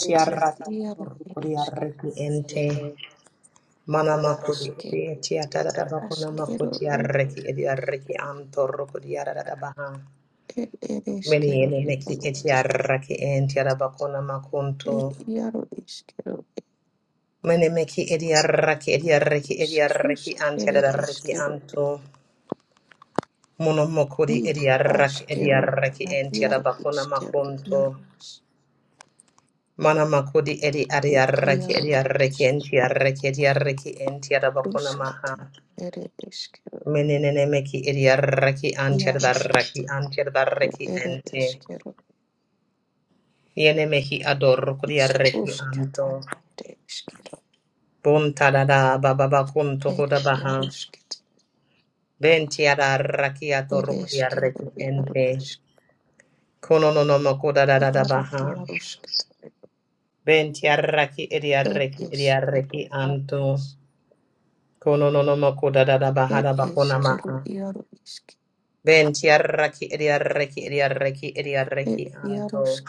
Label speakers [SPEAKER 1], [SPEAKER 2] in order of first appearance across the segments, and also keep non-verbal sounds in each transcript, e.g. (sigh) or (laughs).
[SPEAKER 1] Iaro eres
[SPEAKER 2] ente mana makuri edi tiatada da
[SPEAKER 1] quiero, as
[SPEAKER 2] bakuna
[SPEAKER 1] quiero,
[SPEAKER 2] makuti
[SPEAKER 1] eh,
[SPEAKER 2] arraki edi arraki antorro kudi arada da baha meni ene meki edi arraki bakuna makunto meni meki edi arraki edi arraki edi arraki ante da anto mono makuri edi arraki bakuna makunto mana makudi edi adi arraki edi arraki ente arraki bakuna maha Menene meki idiarraki antiadarraki antiadarraki ente. Yene meki ador kuriarraki anto. bunta Buntadada bababa kunto kudabaha. Bentiadarraki ador kuriarraki ente. Konononomo kudadadabaha. Bentiarraki idiarraki idiarraki anto. kono no no Konononomo kudadadabaha dabakonamaha. Bentiarraki idiarraki idiarraki idiarraki anto.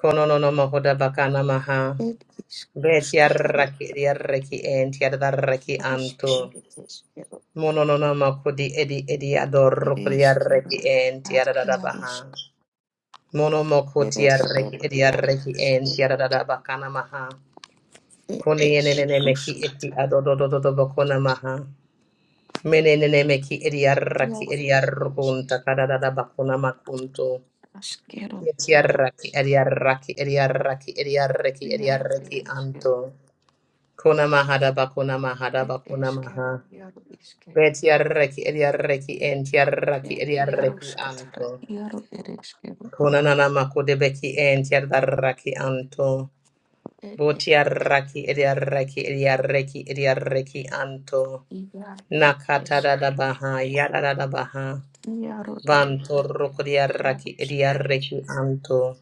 [SPEAKER 2] Kono no no mohoda bakana maha. Betiaraki diaraki and tiadaraki anto. Mono no no makudi edi edi ador kudiaraki and tiadarabaha. Mono mokutiaraki ediaraki and tiadarabakana maha. Kone enene meki eki adodododo bakona maha. Menene meki ediaraki ediarukunta kadarabakona makunto. Tiaraki ediaraki ediaraki ediaraki ediaraki anto. Kona mahada bakuna mahada bakuna maha. Betiarreki ediarreki entiarraki ediarreki anto. Kona nana makude beki entiarraki anto. Botiarraki ediarreki ediarreki ediarreki anto. Nakata da da baha yada da da baha. Banto rokodiarraki ediarreki anto.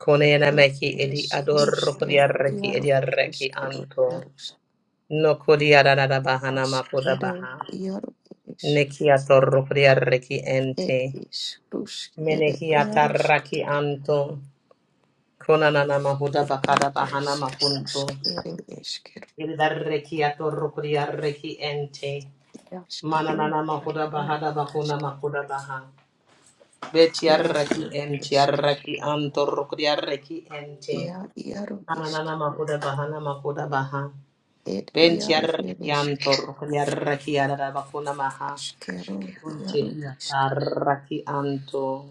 [SPEAKER 2] Kone na meki edi ador rokodiarreki ediarreki anto. No kodiarada bahana makuda baha. Nekia torrocoria reki ente. Menehia tarraki anto. Konanana mahuda bakada bahana makunto. Iridarrekia torrocoria reki ente. Mananana mahuda bahada bakuna makuda baha. Betiarraki entiarraki anto rocoria reki ente. Ananana mahuda bahana makuda baha. Bentia reki anto rocoria reki adada bakuna maha. Unte hiatarraki anto.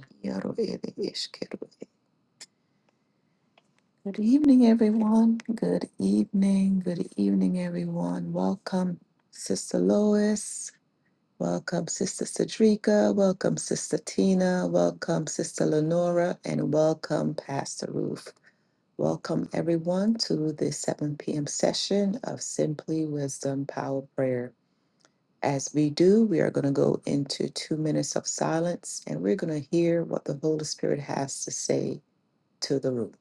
[SPEAKER 1] Simply Wisdom Power Prayer. As we do, we are going to go into two minutes of silence and we're going to hear what the Holy Spirit has to say to the room.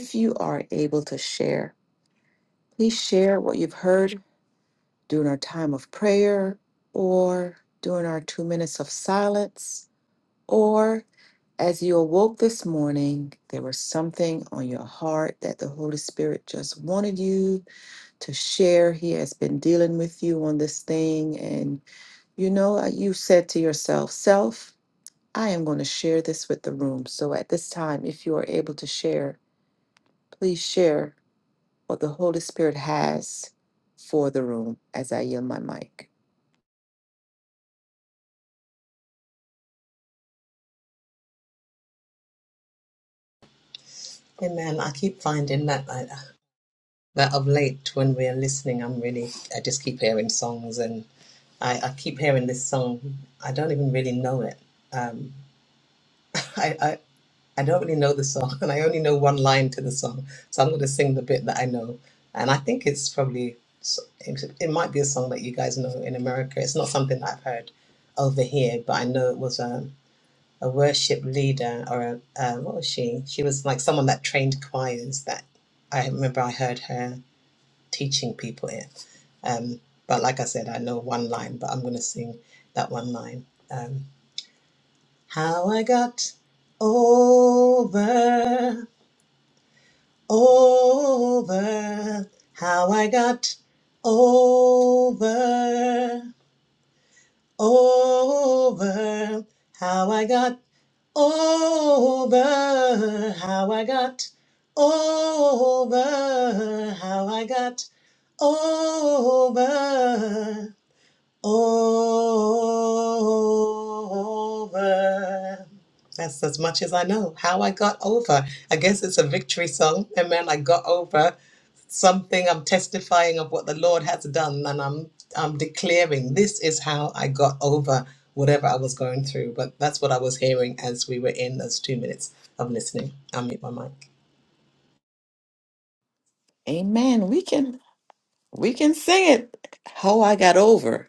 [SPEAKER 1] If you are able to share, please share what you've heard during our time of prayer or during our two minutes of silence, or as you awoke this morning, there was something on your heart that the Holy Spirit just wanted you to share. He has been dealing with you on this thing, and you know, uh, you said to yourself, Self, I am going to share this with the room. So at this time, if you are able to share, please share what the Holy Spirit has for the room as I yield my mic.
[SPEAKER 2] Amen. I keep finding that I, that of late when we are listening, I'm really I just keep hearing songs, and I, I keep hearing this song. I don't even really know it. I, I I don't really know the song, (laughs) and I only know one line to the song, so I'm going to sing the bit that I know. And I think it's probably s- it it might be a song that you guys know in America. It's not something that I've heard over here, but I know it was. um, a worship leader or a, uh, what was she? She was like someone that trained choirs that I remember I heard her teaching people it. Um, but like I said, I know one line, but I'm going to sing that one line. Um, How I got over, over, how I got over over how I got over how I got over how I got over over. That's as much as I know. How I got over. I guess it's a victory song. Amen. I got over something. I'm testifying of what the Lord has done, and I'm I'm declaring this is how I got over whatever I was going through. But that's what I was hearing as we were in those two minutes of listening. I'll mute my mic.
[SPEAKER 1] Amen. We can we can sing it. How I got over.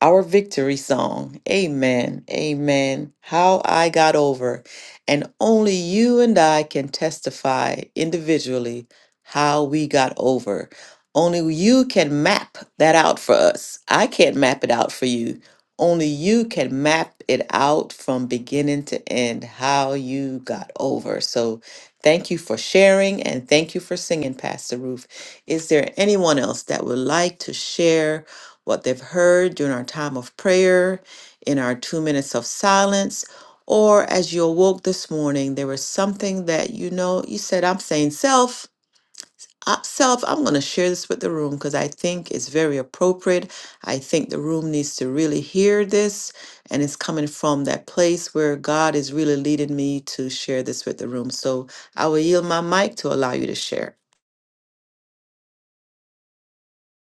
[SPEAKER 1] Our victory song. Amen. Amen. How I got over. And only you and I can testify individually how we got over. Only you can map that out for us. I can't map it out for you. Only you can map it out from beginning to end how you got over. So thank you for sharing and thank you for singing, Pastor Ruth. Is there anyone else that would like to share? what they've heard during our time of prayer, in our two minutes of silence, or as you awoke this morning, there was something that you know you said, I'm saying self. I- Self, I'm going to share this with the room because I think it's very appropriate. I think the room needs to really hear this, and it's coming from that place where God is really leading me to share this with the room. So I will yield my mic to allow you to share.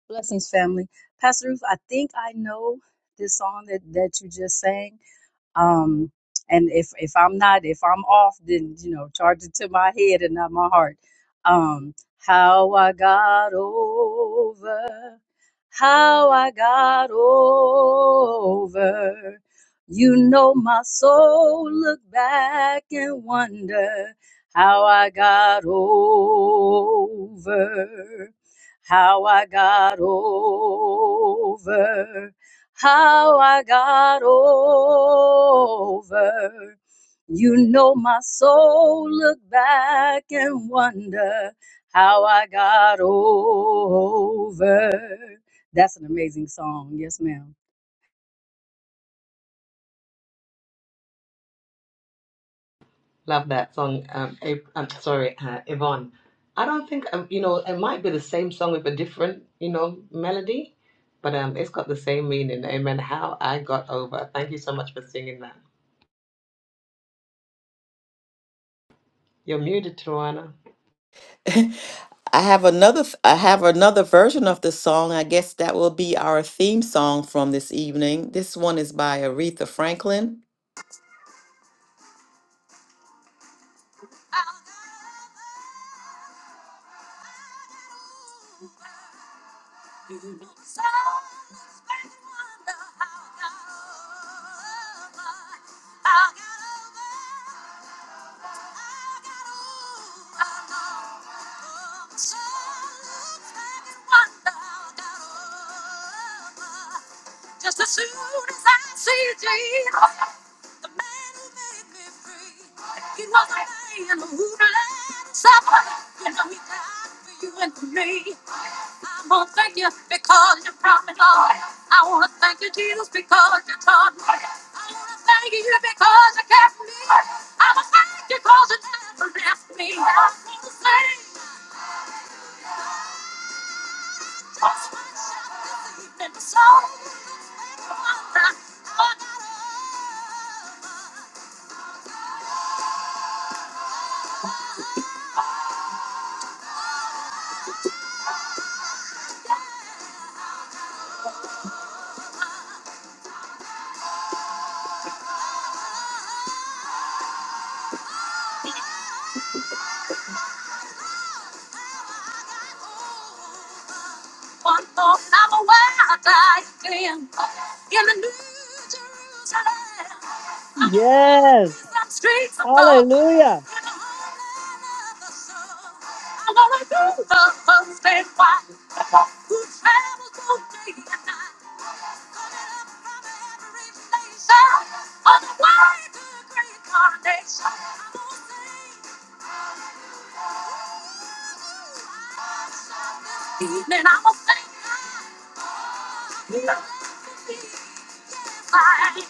[SPEAKER 3] Blessings, family. Pastor Ruth, I think I know this song that, that you just sang um and if if i'm not if i'm off then you know charge it to my head and not my heart um how i got over how i got over you know my soul look back and wonder how i got over how i got over how I got over. You know my soul look back and wonder how I got over. That's an amazing song. Yes, ma'am.
[SPEAKER 2] Love that song, um, April, I'm sorry, uh, Yvonne. I don't think, um, you know, it might be the same song with a different, you know, melody, but um, it's got the same meaning. Amen. How I got over. Thank you so much for singing that. You're muted, Tawana.
[SPEAKER 1] (laughs) I have another f- I have another version of this song. I guess that will be our theme song from this evening. This one is by Aretha Franklin. Just as soon as I see Jesus, the man who made me free, he was a man who bled and suffered. You know he died for you and for me. I want to thank you because you brought me, Lord. I want to thank you, Jesus, because you taught me. I want to thank you because you kept me. I want to thank you because you never left me. I want to thank you just for this evening. So, I got over how I got over. One more hour where I die again. In the New Jerusalem, I'm gonna walk
[SPEAKER 3] Yes.
[SPEAKER 1] these damn streets of gold.
[SPEAKER 3] Hallelujah.
[SPEAKER 1] In the homeland of the sun, I wanna do the first and white who travels both day and night, coming up from every nation on the way to the great coronation. I'm sing, evening I'm gonna sing, the lady is mine.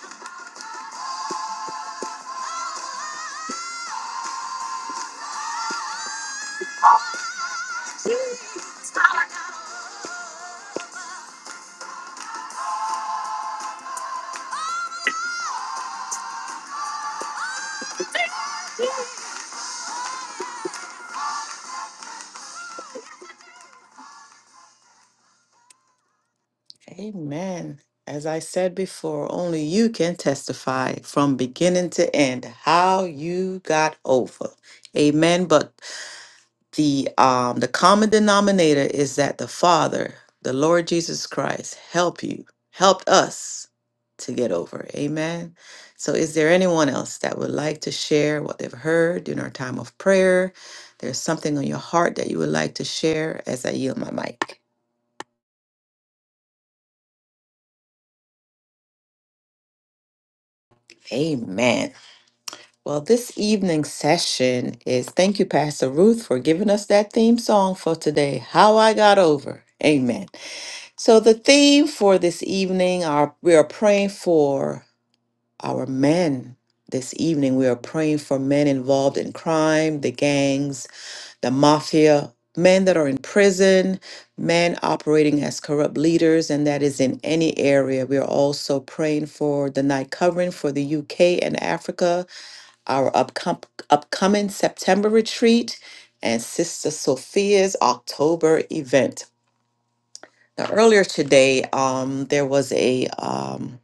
[SPEAKER 1] Oh, Jesus, how I got Amen. As I said before, only you can testify from beginning to end how you got over. Amen. But the um the common denominator is that the Father, the Lord Jesus Christ, help you, helped us to get over. Amen. So is there anyone else that would like to share what they've heard during our time of prayer? There's something on your heart that you would like to share as I yield my mic. Amen. Well, this evening's session is thank you, Pastor Ruth, for giving us that theme song for today, How I Got Over. Amen. So the theme for this evening are we are praying for our men. This evening we are praying for men involved in crime, the gangs, the mafia, men that are in prison, men operating as corrupt leaders, and that is in any area. We are also praying for the night covering for the UK and Africa our upcom- upcoming September retreat and Sister Sophia's October event. Now, earlier today, um, there was a um,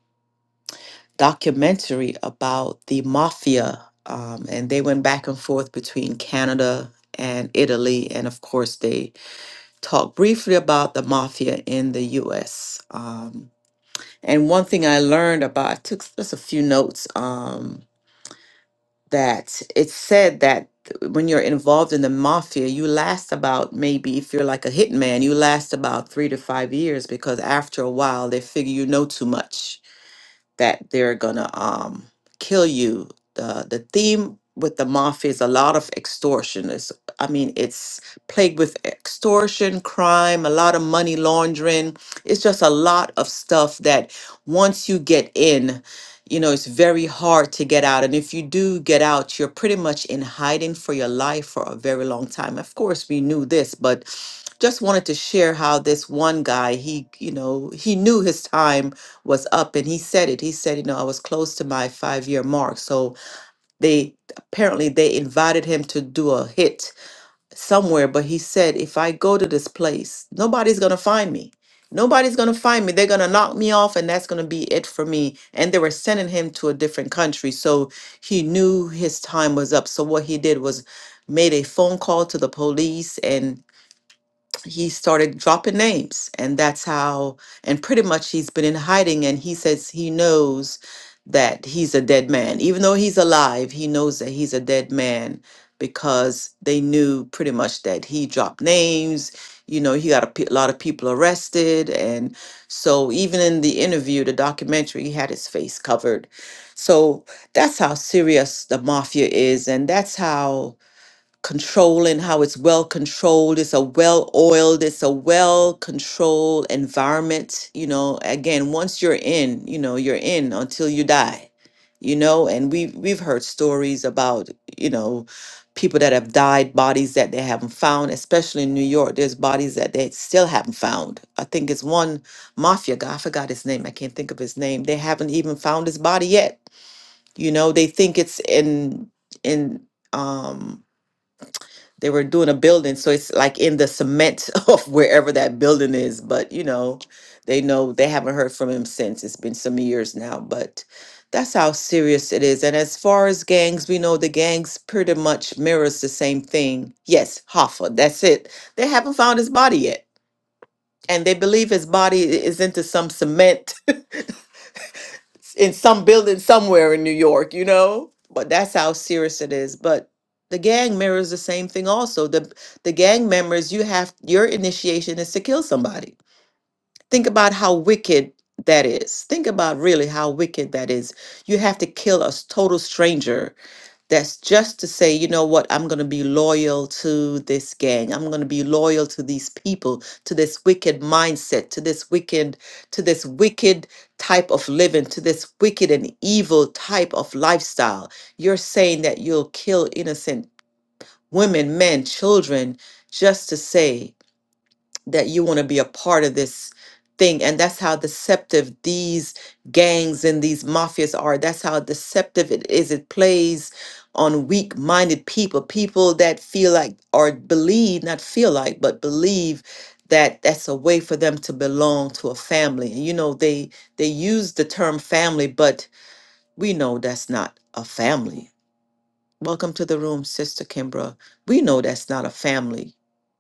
[SPEAKER 1] documentary about the mafia, um, and they went back and forth between Canada and Italy. And of course, they talked briefly about the mafia in the US. Um, and one thing I learned about, I took s- just a few notes. Um, that it's said that when you're involved in the mafia, you last about maybe if you're like a hitman, you last about three to five years because after a while they figure you know too much that they're gonna um, kill you. The the theme with the mafia is a lot of extortion. It's, I mean, it's plagued with extortion, crime, a lot of money laundering. It's just a lot of stuff that once you get in, you know, it's very hard to get out. And if you do get out, you're pretty much in hiding for your life for a very long time. Of course, we knew this, but just wanted to share how this one guy, he, you know, he knew his time was up and he said it he said you know i was close to my five year mark so they apparently they invited him to do a hit somewhere but he said if i go to this place nobody's gonna find me nobody's gonna find me they're gonna knock me off and that's gonna be it for me and they were sending him to a different country so he knew his time was up so what he did was made a phone call to the police and he started dropping names and that's how and pretty much he's been in hiding and he says he knows that he's a dead man even though he's alive he knows that he's a dead man because they knew pretty much that he dropped names you know he got a pe- lot of people arrested and so even in the interview the documentary he had his face covered so that's how serious the mafia is and that's how controlling how it's well controlled it's a well oiled it's a well controlled environment you know again once you're in you know you're in until you die you know and we we've heard stories about you know people that have died bodies that they haven't found especially in New York there's bodies that they still haven't found i think it's one mafia guy i forgot his name i can't think of his name they haven't even found his body yet you know they think it's in in um they were doing a building, so it's like in the cement (laughs) of wherever that building is. But you know, they know they haven't heard from him since. It's been some years now, but that's how serious it is. And as far as gangs, we know the gangs pretty much mirrors the same thing. Yes, Hoffa, that's it. They haven't found his body yet. And they believe his body i- is into some cement in some building somewhere in New York, you know? But that's how serious it is. But the gang mirrors the same thing also. The the gang members, you have your initiation is to kill somebody. Think about how wicked that is. Think about really how wicked that is. You have to kill a s- total stranger that's just to say, you know what, I'm going to be loyal to this gang. I'm going to be loyal to these people, to this wicked mindset, to this wicked, to this wicked type of living, to this wicked and evil type of lifestyle. You're saying that you'll kill innocent women, men, children, just to say, that you want to be a part of this thing and that's how deceptive these gangs and these mafias are that's how deceptive it is it plays on weak-minded people people that feel like or believe not feel like but believe that that's a way for them to belong to a family and you know they they use the term family but we know that's not a family Welcome to the room, Sister Kimbra. We know that's not a family,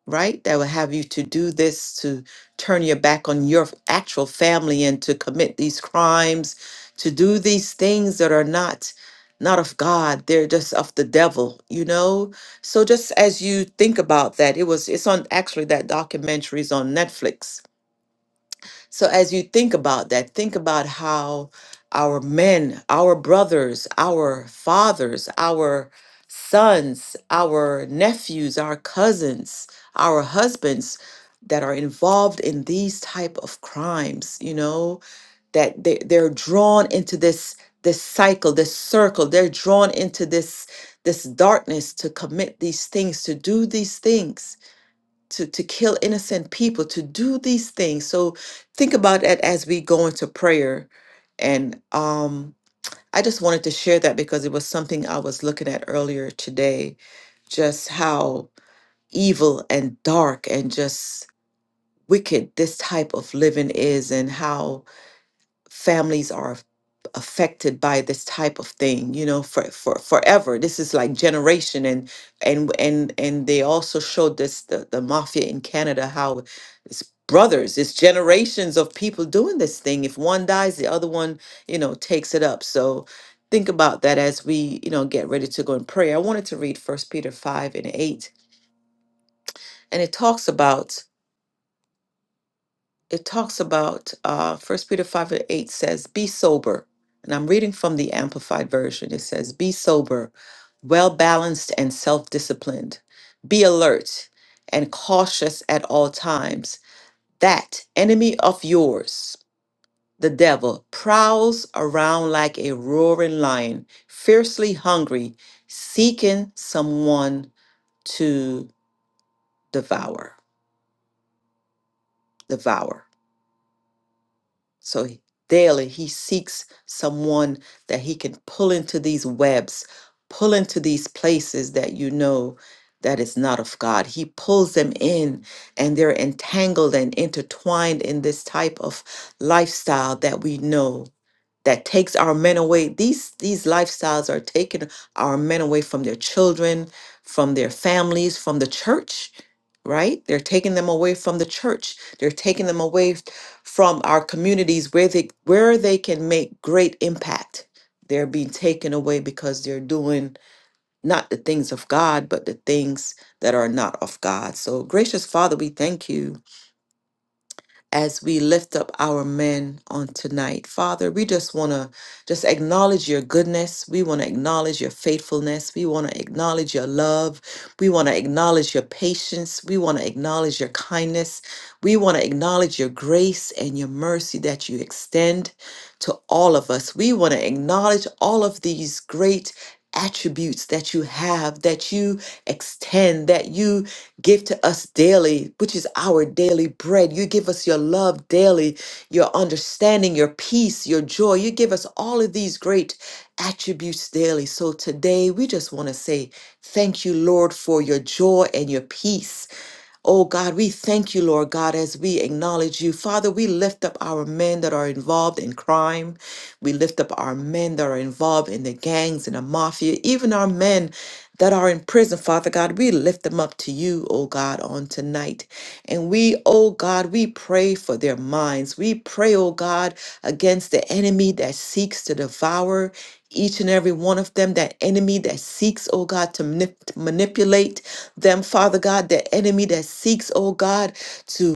[SPEAKER 1] right? That will have you to do this, to turn your back on your actual family and to commit these crimes, to do these things that are not not of God. They're just of the devil, you know? So just as you think about that, it was it's on actually that documentary is on Netflix so as you think about that, think about how our men, our brothers, our fathers, our sons, our nephews, our cousins, our husbands that are involved in these type of crimes, you know, that they, they're drawn into this this cycle, this circle, they're drawn into this this darkness to commit these things, to do these things to to kill innocent people to do these things so think about that as we go into prayer and um i just wanted to share that because it was something i was looking at earlier today just how evil and dark and just wicked this type of living is and how families are affected by this type of thing you know for, for forever this is like generation and and and and they also showed this the, the mafia in canada how it's brothers it's generations of people doing this thing if one dies the other one you know takes it up so think about that as we you know get ready to go in prayer i wanted to read first peter 5 and 8 and it talks about it talks about uh first peter 5 and 8 says be sober and i'm reading from the amplified version it says be sober well balanced and self-disciplined be alert and cautious at all times that enemy of yours the devil prowls around like a roaring lion fiercely hungry seeking someone to devour devour So he- daily he seeks someone that he can pull into these webs, pull into these places that you know that is not of God. He pulls them in and they're entangled and intertwined in this type of lifestyle that we know that takes our men away. These these lifestyles are taking our men away from their children, from their families, from the church, right? They're taking them away from the church. They're taking them away f- from our communities where they where they can make great impact. They're being taken away because they're doing not the things of God, but the things that are not of God. So gracious Father, we thank you as we lift up our men on tonight. Father, we just want to just acknowledge your goodness. We want to acknowledge your faithfulness. We want to acknowledge your love. We want to acknowledge your patience. We want to acknowledge your kindness. We want to acknowledge your grace and your mercy that you extend to all of us. We want to acknowledge all of these great attributes that you have that you extend that you Give to us daily, which is our daily bread. You give us your love daily, your understanding, your peace, your joy. You give us all of these great attributes daily. So today we just want to say thank you, Lord, for your joy and your peace. Oh God, we thank you, Lord God, as we acknowledge you. Father, we lift up our men that are involved in crime. We lift up our men that are involved in the gangs and the mafia, even our men that are in prison, Father God. We lift them up to you, oh God, on tonight. And we, oh God, we pray for their minds. We pray, oh God, against the enemy that seeks to devour each and every one of them, that enemy that seeks, oh God, to manip- manipulate them, Father God, the enemy that seeks, oh God, to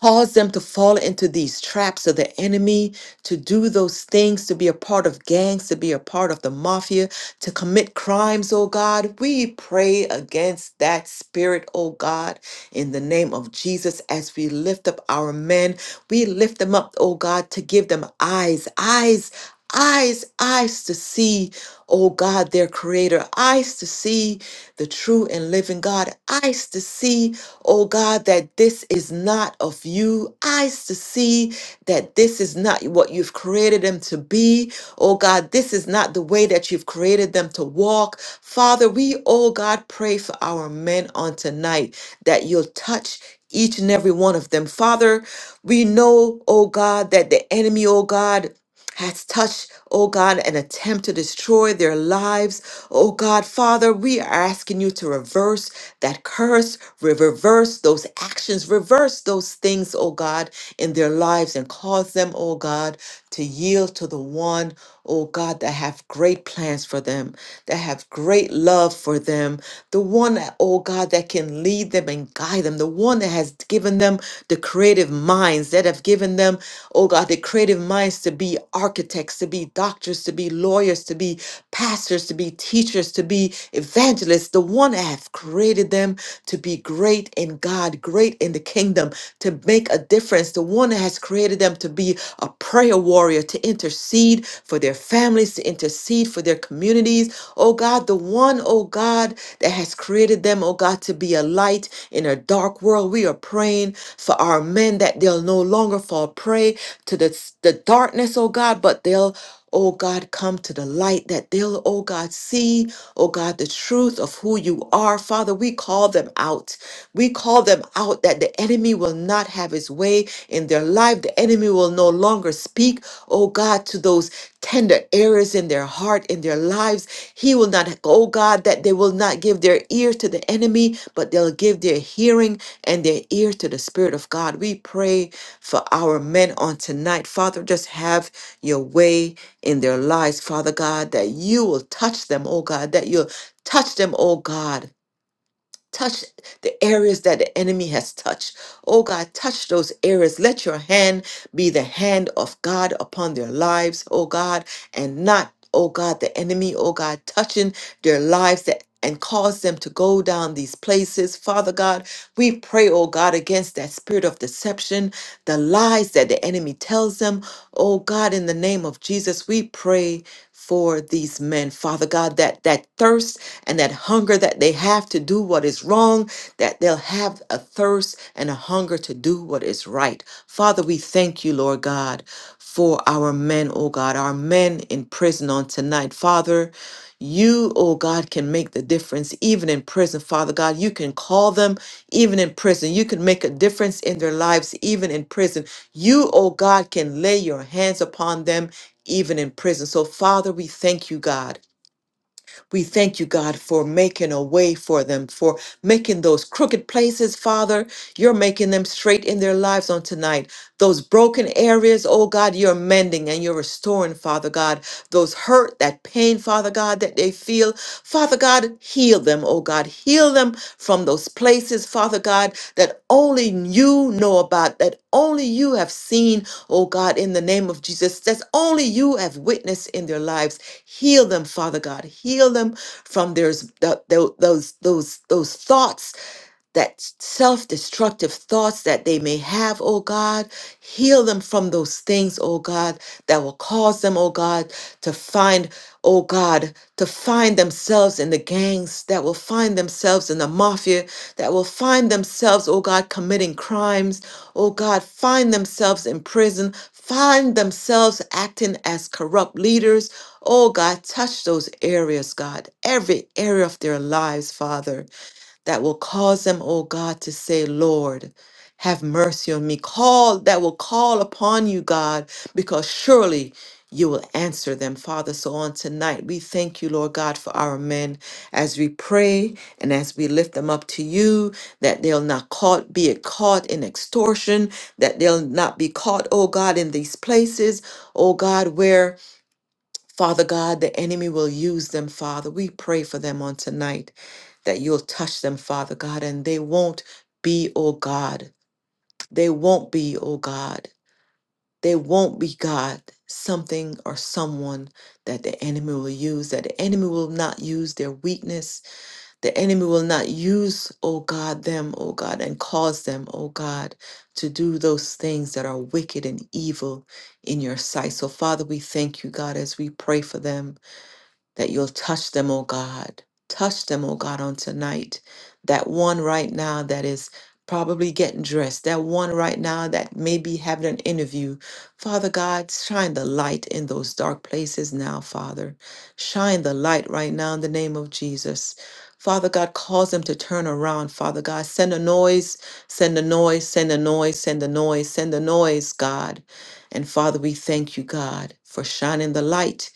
[SPEAKER 1] cause them to fall into these traps of the enemy, to do those things, to be a part of gangs, to be a part of the mafia, to commit crimes, oh God. We pray against that spirit, oh God, in the name of Jesus as we lift up our men. We lift them up, oh God, to give them eyes, eyes. Eyes, eyes to see, oh God, their creator, eyes to see the true and living God, eyes to see oh God, that this is not of you. Eyes to see that this is not what you've created them to be. Oh God, this is not the way that you've created them to walk. Father, we, oh God, pray for our men on tonight that you'll touch each and every one of them. Father, we know, oh God, that the enemy, oh God, has touched, oh God, an attempt to destroy their lives. Oh God, Father, we are asking you to reverse that curse, re- reverse those actions, reverse those things, oh God, in their lives and cause them, oh God, to yield to the one, oh God, that have great plans for them, that have great love for them, the one, that, oh God, that can lead them and guide them, the one that has given them the creative minds, that have given them, oh God, the creative minds to be architects, to be doctors, to be lawyers, to be pastors, to be teachers, to be evangelists. The one I have created them to be great in God, great in the kingdom, to make a difference. The one that has created them to be a prayer warrior, to intercede for their families, to intercede for their communities. Oh God, the one, oh God, that has created them, oh God, to be a light in a dark world. We are praying for our men that they'll no longer fall prey to the, the darkness, oh God, but they'll oh God, come to the light that they'll, oh God, see, oh God, the truth of who you are. Father, we call them out. We call them out that the enemy will not have his way in their life. The enemy will no longer speak, oh God, to those tender areas in their heart, in their lives. He will not, oh God, that they will not give their ear to the enemy, but they'll give their hearing and their ear to the Spirit of God. We pray for our men on tonight. Father, just have your way in their lives, Father God, that you will touch them, oh God, that you'll touch them, oh God, Touch the areas that the enemy has touched. Oh God, touch those areas. Let your hand be the hand of God upon their lives, oh God, and not, oh God, the enemy, oh God, touching their lives that and cause them to go down these places. Father God, we pray, oh God, against that spirit of deception, the lies that the enemy tells them. Oh God, in the name of Jesus, we pray for these men, Father God, that that thirst and that hunger that they have to do what is wrong, that they'll have a thirst and a hunger to do what is right. Father, we thank you, Lord God, for our men, oh God, our men in prison on tonight. Father, you, oh God, can make the difference even in prison, Father God. You can call them even in prison. You can make a difference in their lives even in prison. You, oh God, can lay your hands upon them even in prison. So, Father, we thank you, God. We thank you, God, for making a way for them, for making those crooked places, Father. You're making them straight in their lives on tonight. Those broken areas, oh God, you're mending and you're restoring, Father God. Those hurt, that pain, Father God, that they feel, Father God, heal them, oh God. Heal them from those places, Father God, that only you know about, that only you have seen, oh God, in the name of Jesus, that's only you have witnessed in their lives. Heal them, Father God. Heal them from there's those those those thoughts that self destructive thoughts that they may have, oh God. Heal them from those things, oh God, that will cause them, oh God, to find, oh God, to find themselves in the gangs, that will find themselves in the mafia, that will find themselves, oh God, committing crimes, oh God, find themselves in prison, find themselves acting as corrupt leaders. Oh God, touch those areas, God, every area of their lives, Father that will cause them, oh God, to say, Lord, have mercy on me. Call that will call upon you, God, because surely you will answer them, Father. So on tonight, we thank you, Lord God, for our men as we pray and as we lift them up to you, that they'll not caught, be it caught in extortion, that they'll not be caught, oh God, in these places, oh God, where Father God, the enemy will use them, Father. We pray for them on tonight that you'll touch them, Father God, and they won't be, oh God. They won't be, oh God. They won't be, God, something or someone that the enemy will use, that the enemy will not use their weakness. The enemy will not use, oh God, them, oh God, and cause them, oh God, to do those things that are wicked and evil in your sight. So, Father, we thank you, God, as we pray for them that you'll touch them, oh God. Touch them, oh God, on tonight. That one right now that is probably getting dressed, that one right now that may be having an interview. Father God, shine the light in those dark places now, Father. Shine the light right now in the name of Jesus. Father God, cause them to turn around, Father God. Send a noise, send a noise, send a noise, send a noise, send a noise, God. And Father, we thank you, God, for shining the light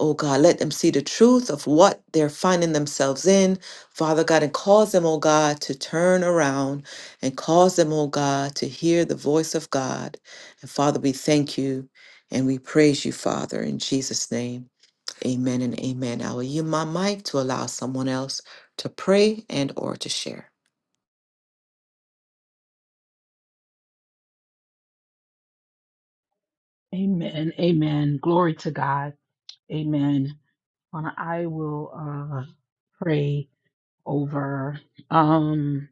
[SPEAKER 1] Oh God, let them see the truth of what they're finding themselves in, Father God, and cause them, oh God, to turn around and cause them, oh God, to hear the voice of God. And Father, we thank you and we praise you, Father, in Jesus' name. Amen and amen. I will yield my mic to allow someone else to pray and or to share.
[SPEAKER 4] Amen. Amen. Glory to God. Amen. Uh, I will uh, pray over um,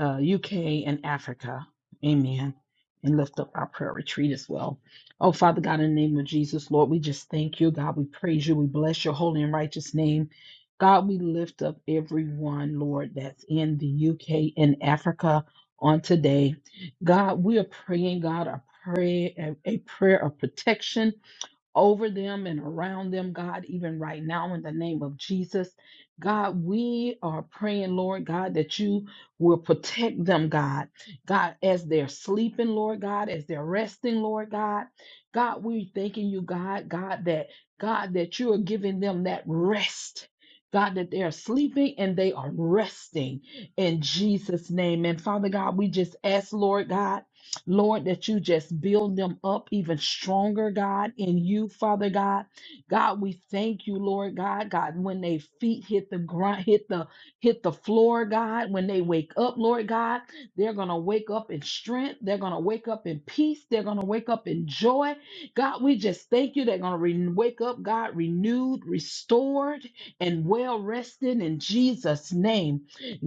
[SPEAKER 4] uh, UK and Africa. Amen. And lift up our prayer retreat as well. Oh, Father God, in the name of Jesus, Lord, we just thank you. God, we praise you. We bless your holy and righteous name. God, we lift up everyone, Lord, that's in the UK and Africa on today. God, we are praying, God, a prayer, a a prayer of protection over them and around them, God, even right now in the name of Jesus. God, we are praying, Lord God, that you will protect them, God. God, as they're sleeping, Lord God, as they're resting, Lord God. God, we are thanking you, God, God, that God, that you are giving them that rest. God, that they are sleeping and they are resting in Jesus' name. And Father God, we just ask, Lord God. Lord, that you just build them up even stronger, God, in you, Father God. God, we thank you, Lord God. God, when they feet hit the ground, hit the hit the floor, God, when they wake up, Lord God, they're gonna wake up in strength, they're gonna wake up in peace, they're gonna wake up in joy. God, we just thank you. They're gonna re- wake up, God, renewed, restored, and well rested in Jesus' name.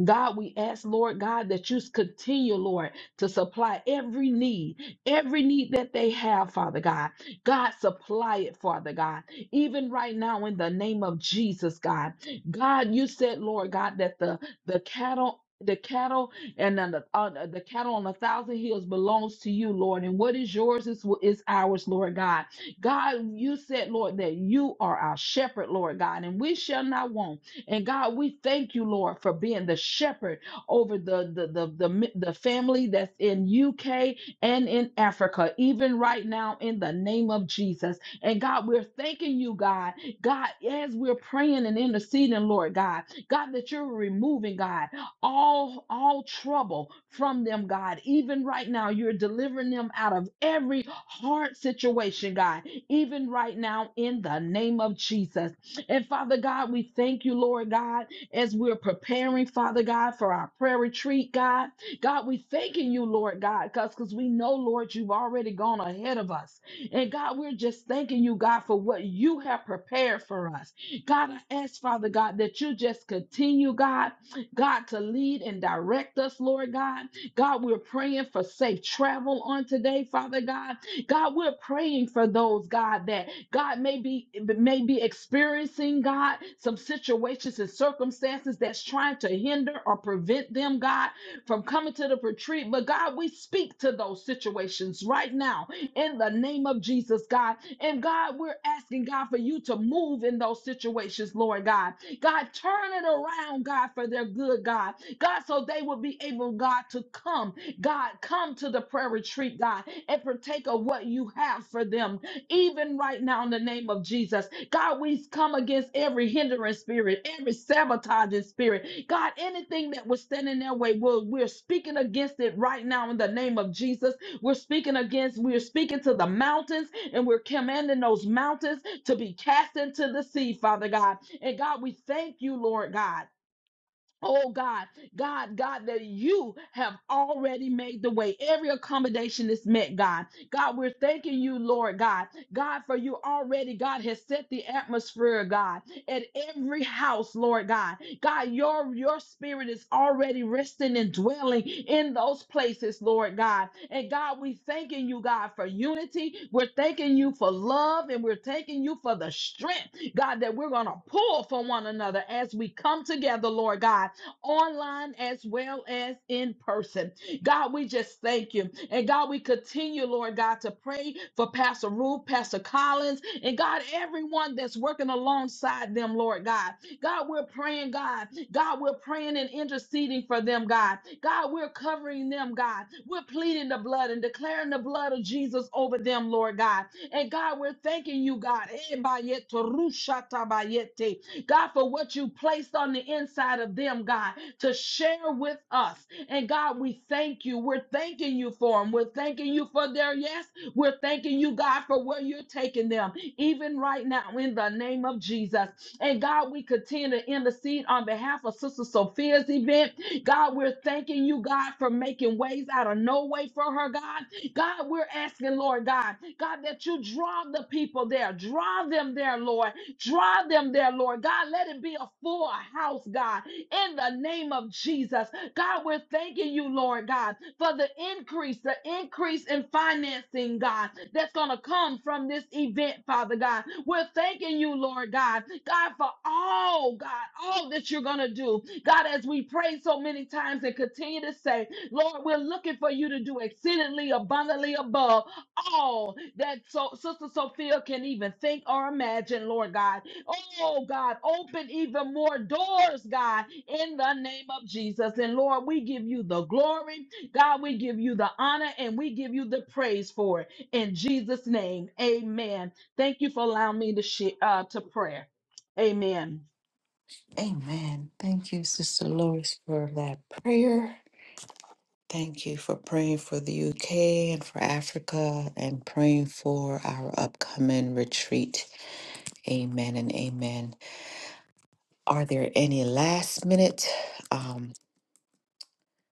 [SPEAKER 4] God, we ask, Lord God, that you continue, Lord to supply every need, every need that they have, Father God. God, supply it, Father God. Even right now, in the name of Jesus, God. God, you said, Lord God, that the, the cattle. The cattle and then the, on the the cattle on a thousand hills belongs to you, Lord. And what is yours is, wh- is ours, Lord God. God, you said, Lord, that you are our shepherd, Lord God, and we shall not want. And God, we thank you, Lord, for being the shepherd over the the the the, mi- the family that's in UK and in Africa, even right now in the name of Jesus. And God, we're thanking you, God. God, as we're praying and interceding, Lord God, God, that you're removing, God, all all trouble from them, God. Even right now, you're delivering them out of every hard situation, God. Even right now, in the name of Jesus. And Father God, we thank you, Lord God as we're preparing, Father God, for our prayer retreat, God. God, we thanking you, Lord God, because because we know, Lord, you've already gone ahead of us. And God, we're just thanking you, God, for what you have prepared for us. God, I ask, Father God, that you just continue, God, God, to lead and direct us, Lord God. God, we're praying for safe travel on today, Father God. God, we're praying for those, God, that God may be may be experiencing, God, some situations and circumstances that's trying to hinder or prevent them, God, from coming to the retreat. But God, we speak to those situations right now in the name of Jesus, God. And God, we're asking God for you to move in those situations, Lord God. God, turn it around, God, for their good, God. God, so they will be able, God, to come God, come to the prayer retreat, God, and partake of what you have for them, even right now in the name of Jesus. God, we come against every hindering spirit, every sabotaging spirit. God, anything that was standing in their way, we're, we're speaking against it right now in the name of Jesus. We're speaking against, we're speaking to the mountains, and we're commanding those mountains to be cast into the sea, Father God. And God, we thank you, Lord God. Oh God, God, God, that you have already made the way. Every accommodation is met, God. God, we're thanking you, Lord God. God, for you already, God, has set the atmosphere, God, at every house, Lord God. God, your, your spirit is already resting and dwelling in those places, Lord God. And God, we thanking you, God, for unity. We're thanking you for love and we're thanking you for the strength, God, that we're going to pull from one another as we come together, Lord God online as well as in person. God, we just thank you. And God, we continue, Lord God, to pray for Pastor Ruth, Pastor Collins, and God, everyone that's working alongside them, Lord God. God, we're praying, God. God, we're praying and interceding for them, God. God, we're covering them, God. We're pleading the blood and declaring the blood of Jesus over them, Lord God. And God, we're thanking you, God. Eh, bayet, rusha tabayete. God, for what you placed on the inside of them, God, to share with us. And God, we thank you. We're thanking you for them. We're thanking you for their yes. We're thanking you, God, for where you're taking them, even right now, in the name of Jesus. And God, we continue to intercede on behalf of Sister Sophia's event. God, we're thanking you, God, for making ways out of no way for her, God. God, we're asking, Lord God, God, that you draw the people there, draw them there, Lord. Draw them there, Lord God. Let it be a full house, God, in the name of Jesus. God, we're thanking you, Lord God, for the increase, the increase in financing, God, that's going to come from this event, Father God. We're thanking you, Lord God, God, for all, God, all that you're going to do. God, as we pray so many times and continue to say, Lord, we're looking for you to do exceedingly abundantly above all that so Sister Sophia can even think or imagine, Lord God. Oh God, open even more doors, God, in the name of Jesus. And Lord, we give you the glory, God, we give you the honor, and we give you the praise for it. In Jesus' name, amen. Thank you for allowing me to, share, uh, to pray. Amen.
[SPEAKER 1] Amen. Thank you, Sister Lois, for that prayer. Thank you for praying for the UK and for Africa and praying for our upcoming retreat. Amen and amen. Are there any last minute um,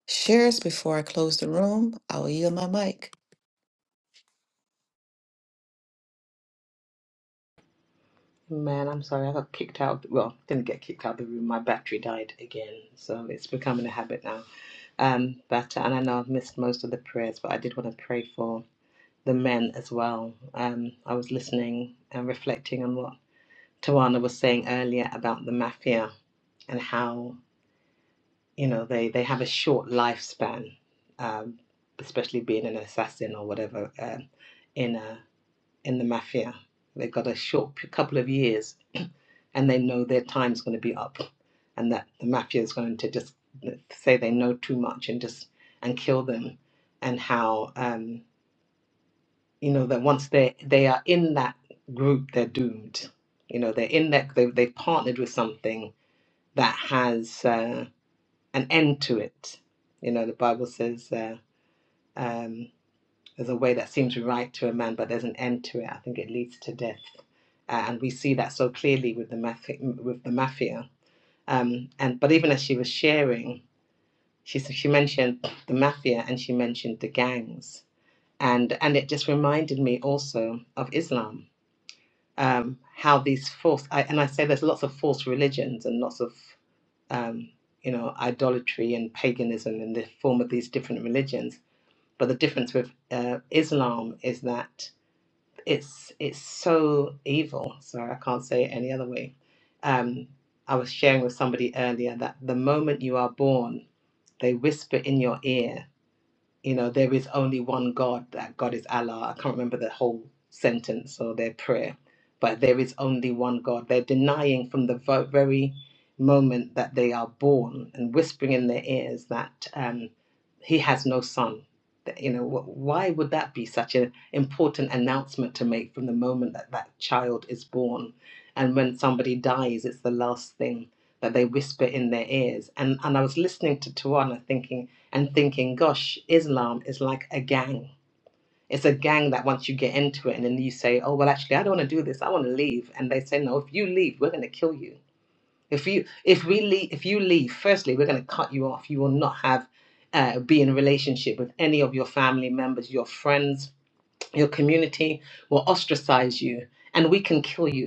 [SPEAKER 1] shares before I close the room? I will yield my mic.
[SPEAKER 2] Man, I'm sorry. I got kicked out. Well, didn't get kicked out of the room. My battery died again. So it's becoming a habit now. Um, but, uh, and I know I've missed most of the prayers, but I did want to pray for the men as well. Um, I was listening and reflecting on what Tawana was saying earlier about the mafia and how you know they they have a short lifespan, um, especially being an assassin or whatever um, in a, in the mafia. They've got a short p- couple of years, (clears throat) and they know their time's going to be up, and that the mafia is going to just uh, say they know too much and just and kill them, and how um, you know that once they they are in that group, they're doomed. You know they're in that they they've partnered with something that has uh, an end to it. You know, the Bible says uh, um, there's a way that seems right to a man, but there's an end to it. I think it leads to death, uh, and we see that so clearly with the mafia. With the mafia, um, and but even as she was sharing, she s- she mentioned the mafia and she mentioned the gangs, and and it just reminded me also of Islam. Um, how these false I, and I say there's lots of false religions and lots of um, you know, idolatry and paganism in the form of these different religions. But the difference with uh, Islam is that it's it's so evil. Sorry, I can't say it any other way. Um, I was sharing with somebody earlier that the moment you are born, they whisper in your ear you know, there is only one God, that God is Allah. I can't remember the whole sentence or their prayer, but there is only one God. They're denying from the vo- very moment that they are born and whispering in their ears that um, He has no son. That, You know, wh- why would that be such an important announcement to make from the moment that that child is born? And when somebody dies, it's the last thing that they whisper in their ears. And, and I was listening to Tawana thinking, and thinking, gosh, Islam is like a gang. It's a gang that once you get into it and then you say, oh, well, actually, I don't want to do this. I want to leave. And they say, no, if you leave, we're going to kill you. If you if we leave, if you leave, firstly, we're going to cut you off. You will not have uh, be in a relationship with any of your family members, your friends, your community will ostracize you and we can kill you.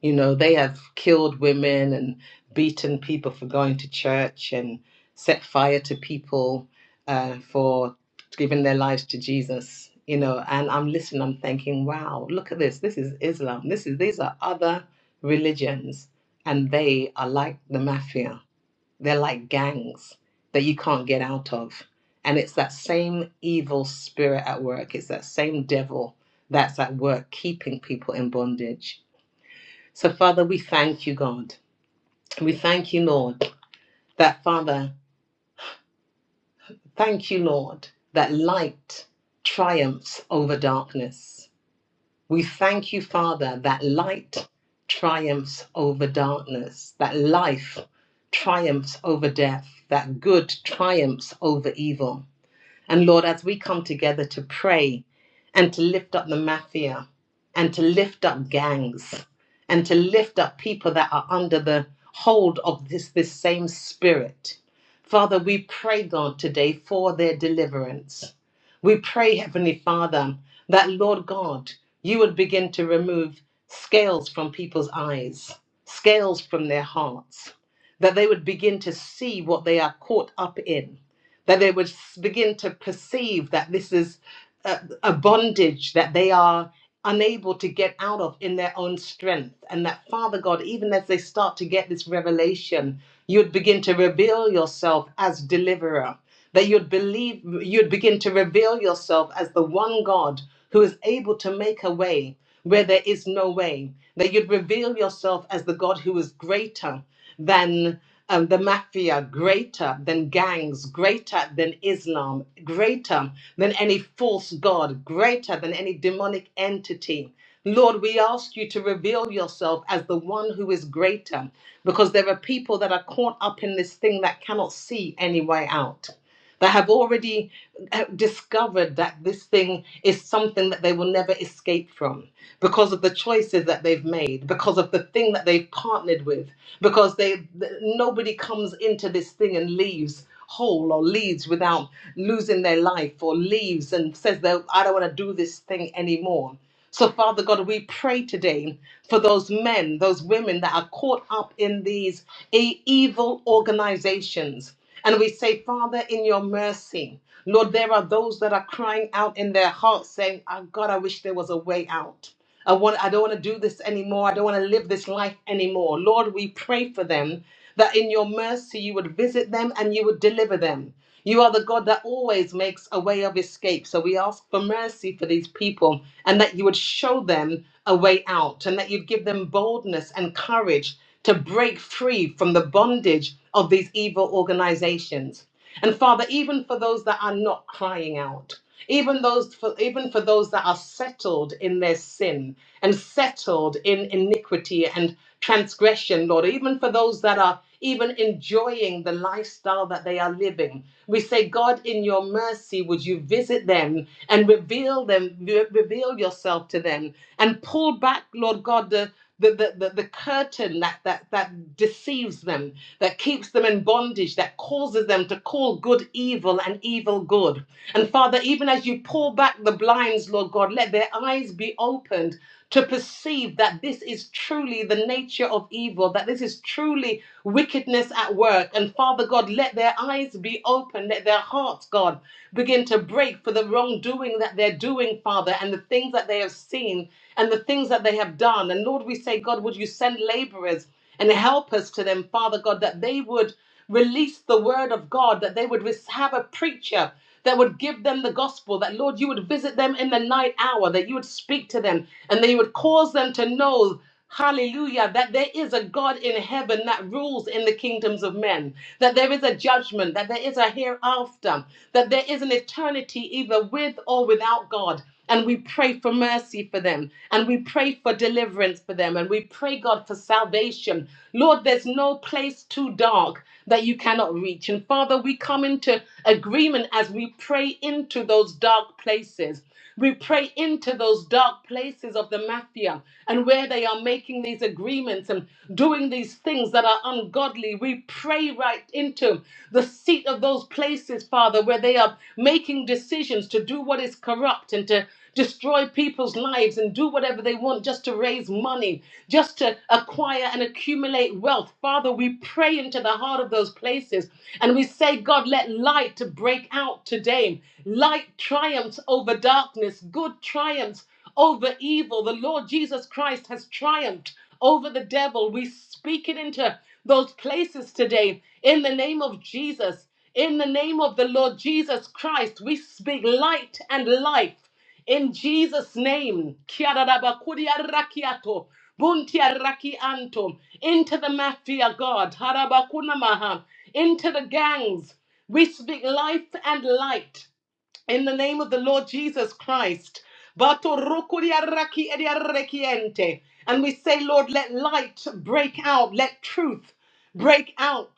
[SPEAKER 2] You know, they have killed women and beaten people for going to church and set fire to people uh, for giving their lives to Jesus. You know, and I'm listening, I'm thinking, wow, look at this. This is Islam. This is these are other religions, and they are like the mafia. They're like gangs that you can't get out of. And it's that same evil spirit at work. It's that same devil that's at work keeping people in bondage so, Father, we thank you, God. We thank you, Lord, that, Father, thank you, Lord, that light triumphs over darkness. We thank you, Father, that light triumphs over darkness, that life triumphs over death, that good triumphs over evil. And Lord, as we come together to pray and to lift up the mafia and to lift up gangs and to lift up people that are under the hold of this, this same spirit, Father, we pray, God, today for their deliverance. We pray, Heavenly Father, that, Lord God, you would begin to remove scales from people's eyes, scales from their hearts, that they would begin to see what they are caught up in that they would begin to perceive that this is a, a bondage that they are unable to get out of in their own strength. And that, Father God, even as they start to get this revelation, you'd begin to reveal yourself as deliverer, that you'd believe, you'd begin to reveal yourself as the one God who is able to make a way where there is no way, that you'd reveal yourself as the God who is greater than um, the mafia, greater than gangs, greater than Islam, greater than any false God, greater than any demonic entity. Lord, we ask you to reveal yourself as the one who is greater because there are people that are caught up in this thing that cannot see any way out that have already uh, discovered that this thing is something that they will never escape from because of the choices that they've made because of the thing that they've partnered with because they th- nobody comes into this thing and leaves whole or leaves without losing their life or leaves and says that I don't want to do this thing anymore so, Father God, we pray today for those men, those women that are caught up in these e- evil organizations. And we say, Father, in your mercy, Lord, there are those that are crying out in their hearts saying, oh God, I wish there was a way out. I want I don't want to do this anymore. I don't want to live this life anymore. Lord, we pray for them that in your mercy you would visit them and you would deliver them. You are the God that always makes a way of escape. So we ask for mercy for these people and that you would show them a way out and that you'd give them boldness and courage to break free from the bondage of these evil organizations. And Father, even for those that are not crying out, even those for even for those that are settled in their sin and settled in iniquity and transgression, Lord, even for those that are even enjoying the lifestyle that they are living. We say, God, in your mercy, would you visit them and reveal them, re- reveal yourself to them and pull back, Lord God, the, the, the, the, the curtain that, that, that deceives them, that keeps them in bondage, that causes them to call good evil and evil good. And Father, even as you pull back the blinds, Lord God, let their eyes be opened to perceive that this is truly the nature of evil, that this is truly wickedness at work. And Father God, let their eyes be open, let their hearts, God, begin to break for the wrongdoing that they're doing doing, Father, and the things that they have seen and the things that they have done. And Lord, we say, God, would you send laborers and help us to them, Father God, that they would release the word of God, that they would res- have a preacher that would give them the gospel, that Lord, you would visit them in the night hour, that you would speak to them, and that you would cause them to know. Hallelujah. That there is a God in heaven that rules in the kingdoms of men, that there is a judgment, that there is a hereafter, that there is an eternity either with or without God. And we pray for mercy for them, and we pray for deliverance for them, and we pray, God, for salvation. Lord, there's no place too dark that you cannot reach. And Father, we come into agreement as we pray into those dark places. We pray into those dark places of the mafia and where they are making these agreements and doing these things that are ungodly. We pray right into the seat of those places, Father, where they are making decisions to do what is corrupt and to destroy people's lives and do whatever they want just to raise money, just to acquire and accumulate wealth. Father, we pray into the heart of those places and we say, God, let light to break out today. Light triumphs over darkness, good triumphs over evil. The Lord Jesus Christ has triumphed over the devil. We speak it into those places today in the name of Jesus. In the name of the Lord Jesus Christ, we speak light and life. In Jesus' name, Kiarabakuriarakiato, Buntiarakianto, into the mafia, God, Harabakunamaha, into the gangs. We speak life and light in the name of the Lord Jesus Christ. And we say, Lord, let light break out, let truth break out.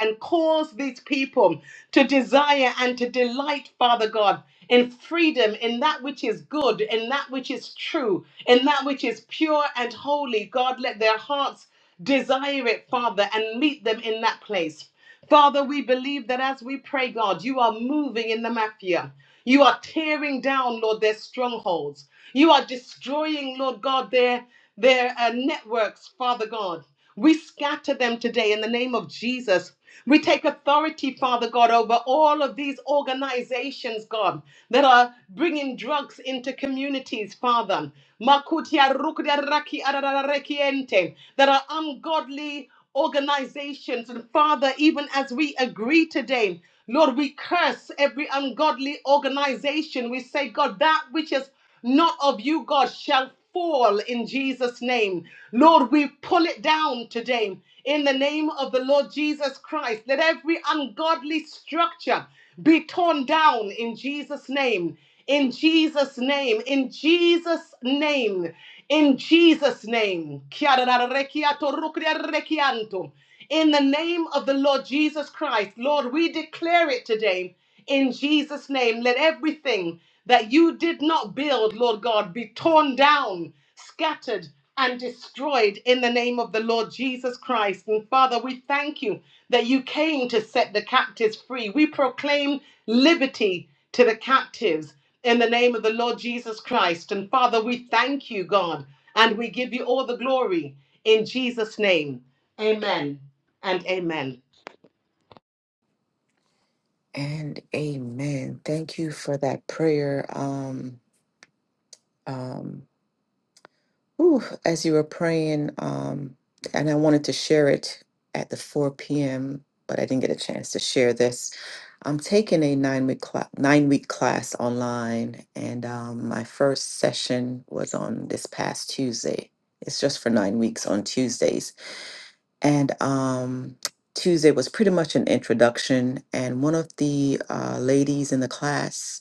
[SPEAKER 2] And cause these people to desire and to delight, Father God, in freedom, in that which is good, in that which is true, in that which is pure and holy. God, let their hearts Desire it, Father, and meet them in that place. Father, we believe that as we pray, God, you are moving in the mafia. You are tearing down, Lord, their strongholds. You are destroying, Lord God, their, their uh, networks, Father God. We scatter them today in the name of Jesus. We take authority, Father God, over all of these organizations, God, that are bringing drugs into communities, Father. Makutia rukudia raki arararekiente, That are ungodly organizations. And Father, even as we agree today, Lord, we curse every ungodly organization. We say, God, that which is not of you, God, shall fall in Jesus' name. Lord, we pull it down today in the name of the Lord Jesus Christ. Let every ungodly structure be torn down in Jesus' name. In Jesus' name, in Jesus' name, in Jesus' name. Chiarararechiato, rucriarechianto. In the name of the Lord Jesus Christ, Lord, we declare it today in Jesus' name, let everything that you did not build, Lord God, be torn down, scattered, and destroyed in the name of the Lord Jesus Christ. And Father, we thank you that you came to set the captives free. We proclaim liberty to the captives in the name of the Lord Jesus Christ. And Father, we thank you, God, and we give you all the glory in Jesus' name. Amen and amen.
[SPEAKER 1] And amen. Thank you for that prayer. Um, um, Whew, as you were praying, um, and I wanted to share it at the 4 p.m., but I didn't get a chance to share this. I'm taking a nine week cla- nine week class online, and um, my first session was on this past Tuesday. It's just for nine weeks on Tuesdays, and um, Tuesday was pretty much an introduction. And one of the uh, ladies in the class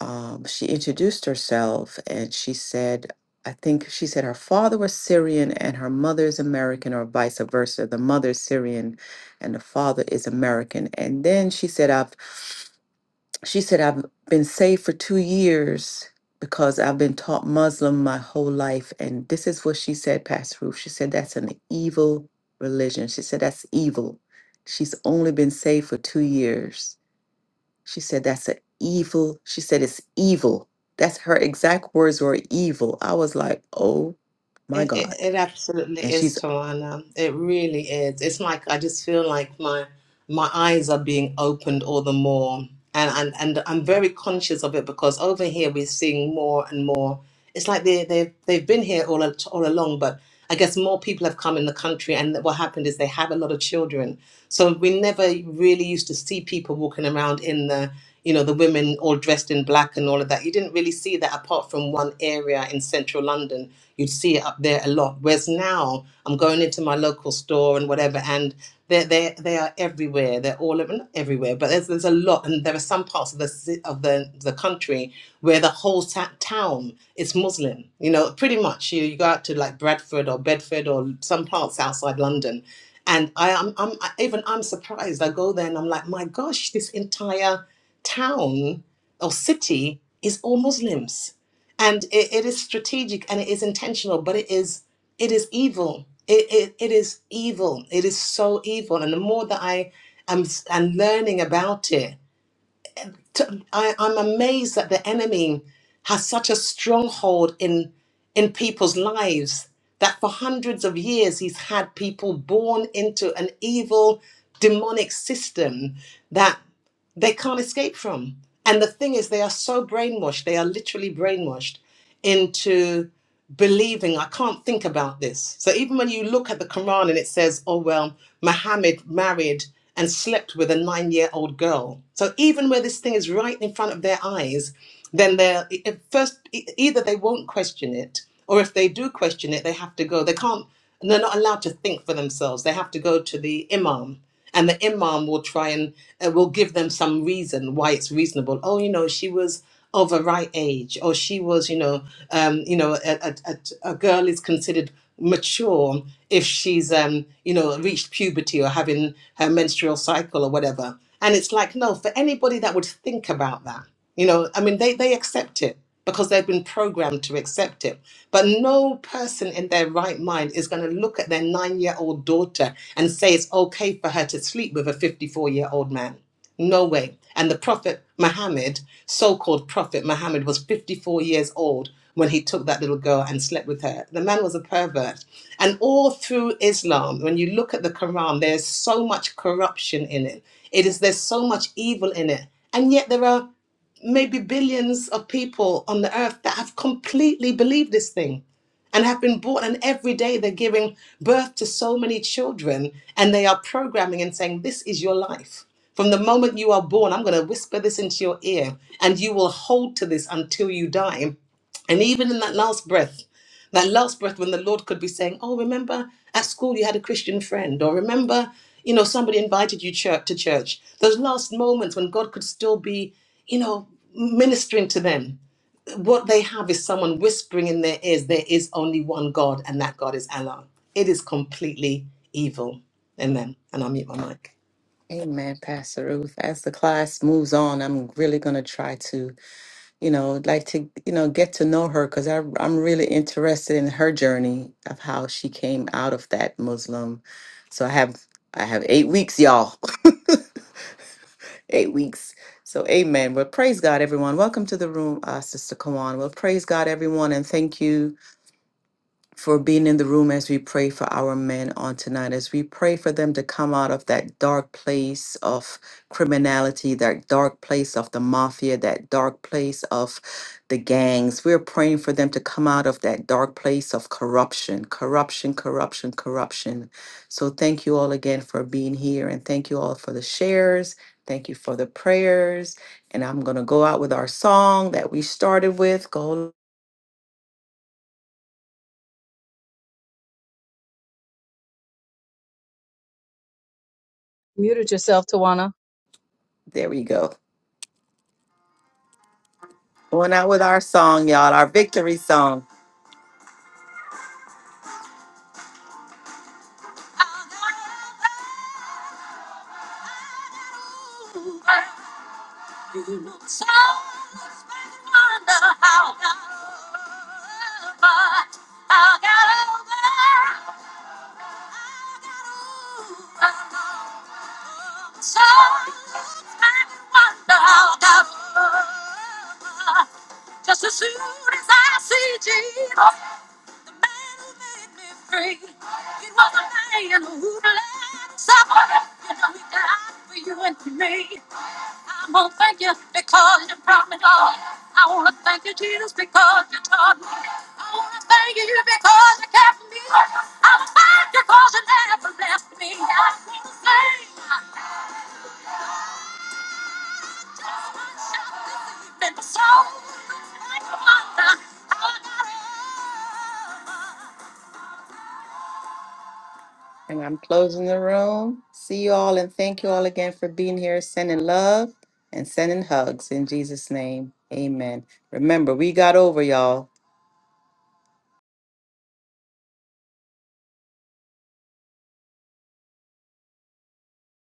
[SPEAKER 1] um, she introduced herself and she said, I think she said her father was Syrian and her mother is American, or vice versa. The mother is Syrian and the father is American. And then she said, I've she said, I've been saved for two years because I've been taught Muslim my whole life. And this is what she said, Pastor Ruth. She said, that's an evil religion. She said, that's evil. She's only been saved for two years she said, That's an evil. She said, It's evil. That's her exact words were evil. I was like, Oh my
[SPEAKER 2] It, it,
[SPEAKER 1] God.
[SPEAKER 2] it absolutely
[SPEAKER 1] And
[SPEAKER 2] is,
[SPEAKER 1] she's,
[SPEAKER 2] Tawana. It really is. It's like I just feel like my my eyes are being opened all the more, and and, and I'm very conscious of it because over here we're seeing more and more. It's like they they they've been here all al- all along, but I guess more people have come in the country, and what happened is they have a lot of children. So we never really used to see people walking around in the you know, the women all dressed in black and all of that. You didn't really see that apart from one area in central London. You'd see it up there a lot. Whereas now I'm going into my local store and whatever, and they're, they they are everywhere. They're all over, not everywhere, but there's, there's a lot. And there are some parts of the, ci- of the, the country where the whole ta- town is Muslim. You know, pretty much you, you go out to like Bradford or Bedford or some parts outside London. And I am, I'm, I, even I'm surprised. I go there and I'm like, my gosh, this entire town or city is all Muslims. And it, it is strategic and it is intentional, but it is it is evil. It, it, it is evil. It is so evil. And the more that I am and learning about it, to, I, I'm amazed that the enemy has such a stronghold in in people's lives that for hundreds of years he's had people born into an evil demonic system that they can't escape from. And the thing is, they are so brainwashed, they are literally brainwashed into believing, I can't think about this. So even when you look at the Quran and it says, oh, well, Muhammad married and slept with a nine year old girl. So even where this thing is right in front of their eyes, then they're i- at first, e- either they won't question it, or if they do question it, they have to go. They can't, they're not allowed to think for themselves. They have to go to the Imam and the imam will try and uh, will give them some reason why it's reasonable oh you know she was of a right age or she was you know um you know a, a, a a girl is considered mature if she's um you know reached puberty or having her menstrual cycle or whatever and it's like no for anybody that would think about that you know i mean they they accept it because they've been programmed to accept it. But no person in their right mind is going to look at their nine year old daughter and say it's okay for her to sleep with a 54 year old man. No way. And the Prophet Muhammad, so called Prophet Muhammad, was 54 years old when he took that little girl and slept with her. The man was a pervert. And all through Islam, when you look at the Quran, there's so much corruption in it. It is there's so much evil in it. And yet there are maybe billions of people on the earth that have completely believed this thing and have been born and every day they're giving birth to so many children and they are programming and saying this is your life from the moment you are born i'm going to whisper this into your ear and you will hold to this until you die and even in that last breath that last breath when the Lord could be saying, Oh, remember at school you had a Christian friend, or remember, you know, somebody invited you church to church. Those last moments when God could still be, you know, ministering to them. What they have is someone whispering in their ears, there is only one God, and that God is Allah. It is completely evil. Amen. And I'll mute my mic.
[SPEAKER 1] Amen, Pastor Ruth. As the class moves on, I'm really going to try to, you know, like to, you know, get to know her because I'm really interested in her journey of how she came out of that Muslim. So I have. I have eight weeks, y'all. (laughs) eight weeks. So, amen. Well, praise God, everyone. Welcome to the room, uh, Sister Kawan. Well, praise God, everyone, and thank you for being in the room as we pray for our men on tonight, as we pray for them to come out of that dark place of criminality, that dark place of the mafia, that dark place of the gangs. We're praying for them to come out of that dark place of corruption, corruption, corruption, corruption. So thank you all again for being here and thank you all for the shares. Thank you for the prayers. And I'm going to go out with our song that we started with. Go.
[SPEAKER 3] Self, Tawana.
[SPEAKER 1] There we go. Going out with our song, y'all, our victory song. Just as soon as I see Jesus. The man who made me free. He was the man who let me suffer. You know he died for you and for me. I'm gonna thank you because you brought me love. I wanna thank you Jesus because you taught me love. I wanna thank you you because you kept me alive. I'm a fighter 'cause you never left me. I'm in flames. I'm shining deep in the soul. I got love. And I'm closing the room. See you all and thank you all again for being here, sending love and sending hugs in Jesus' name. Amen. Remember, we got over, y'all.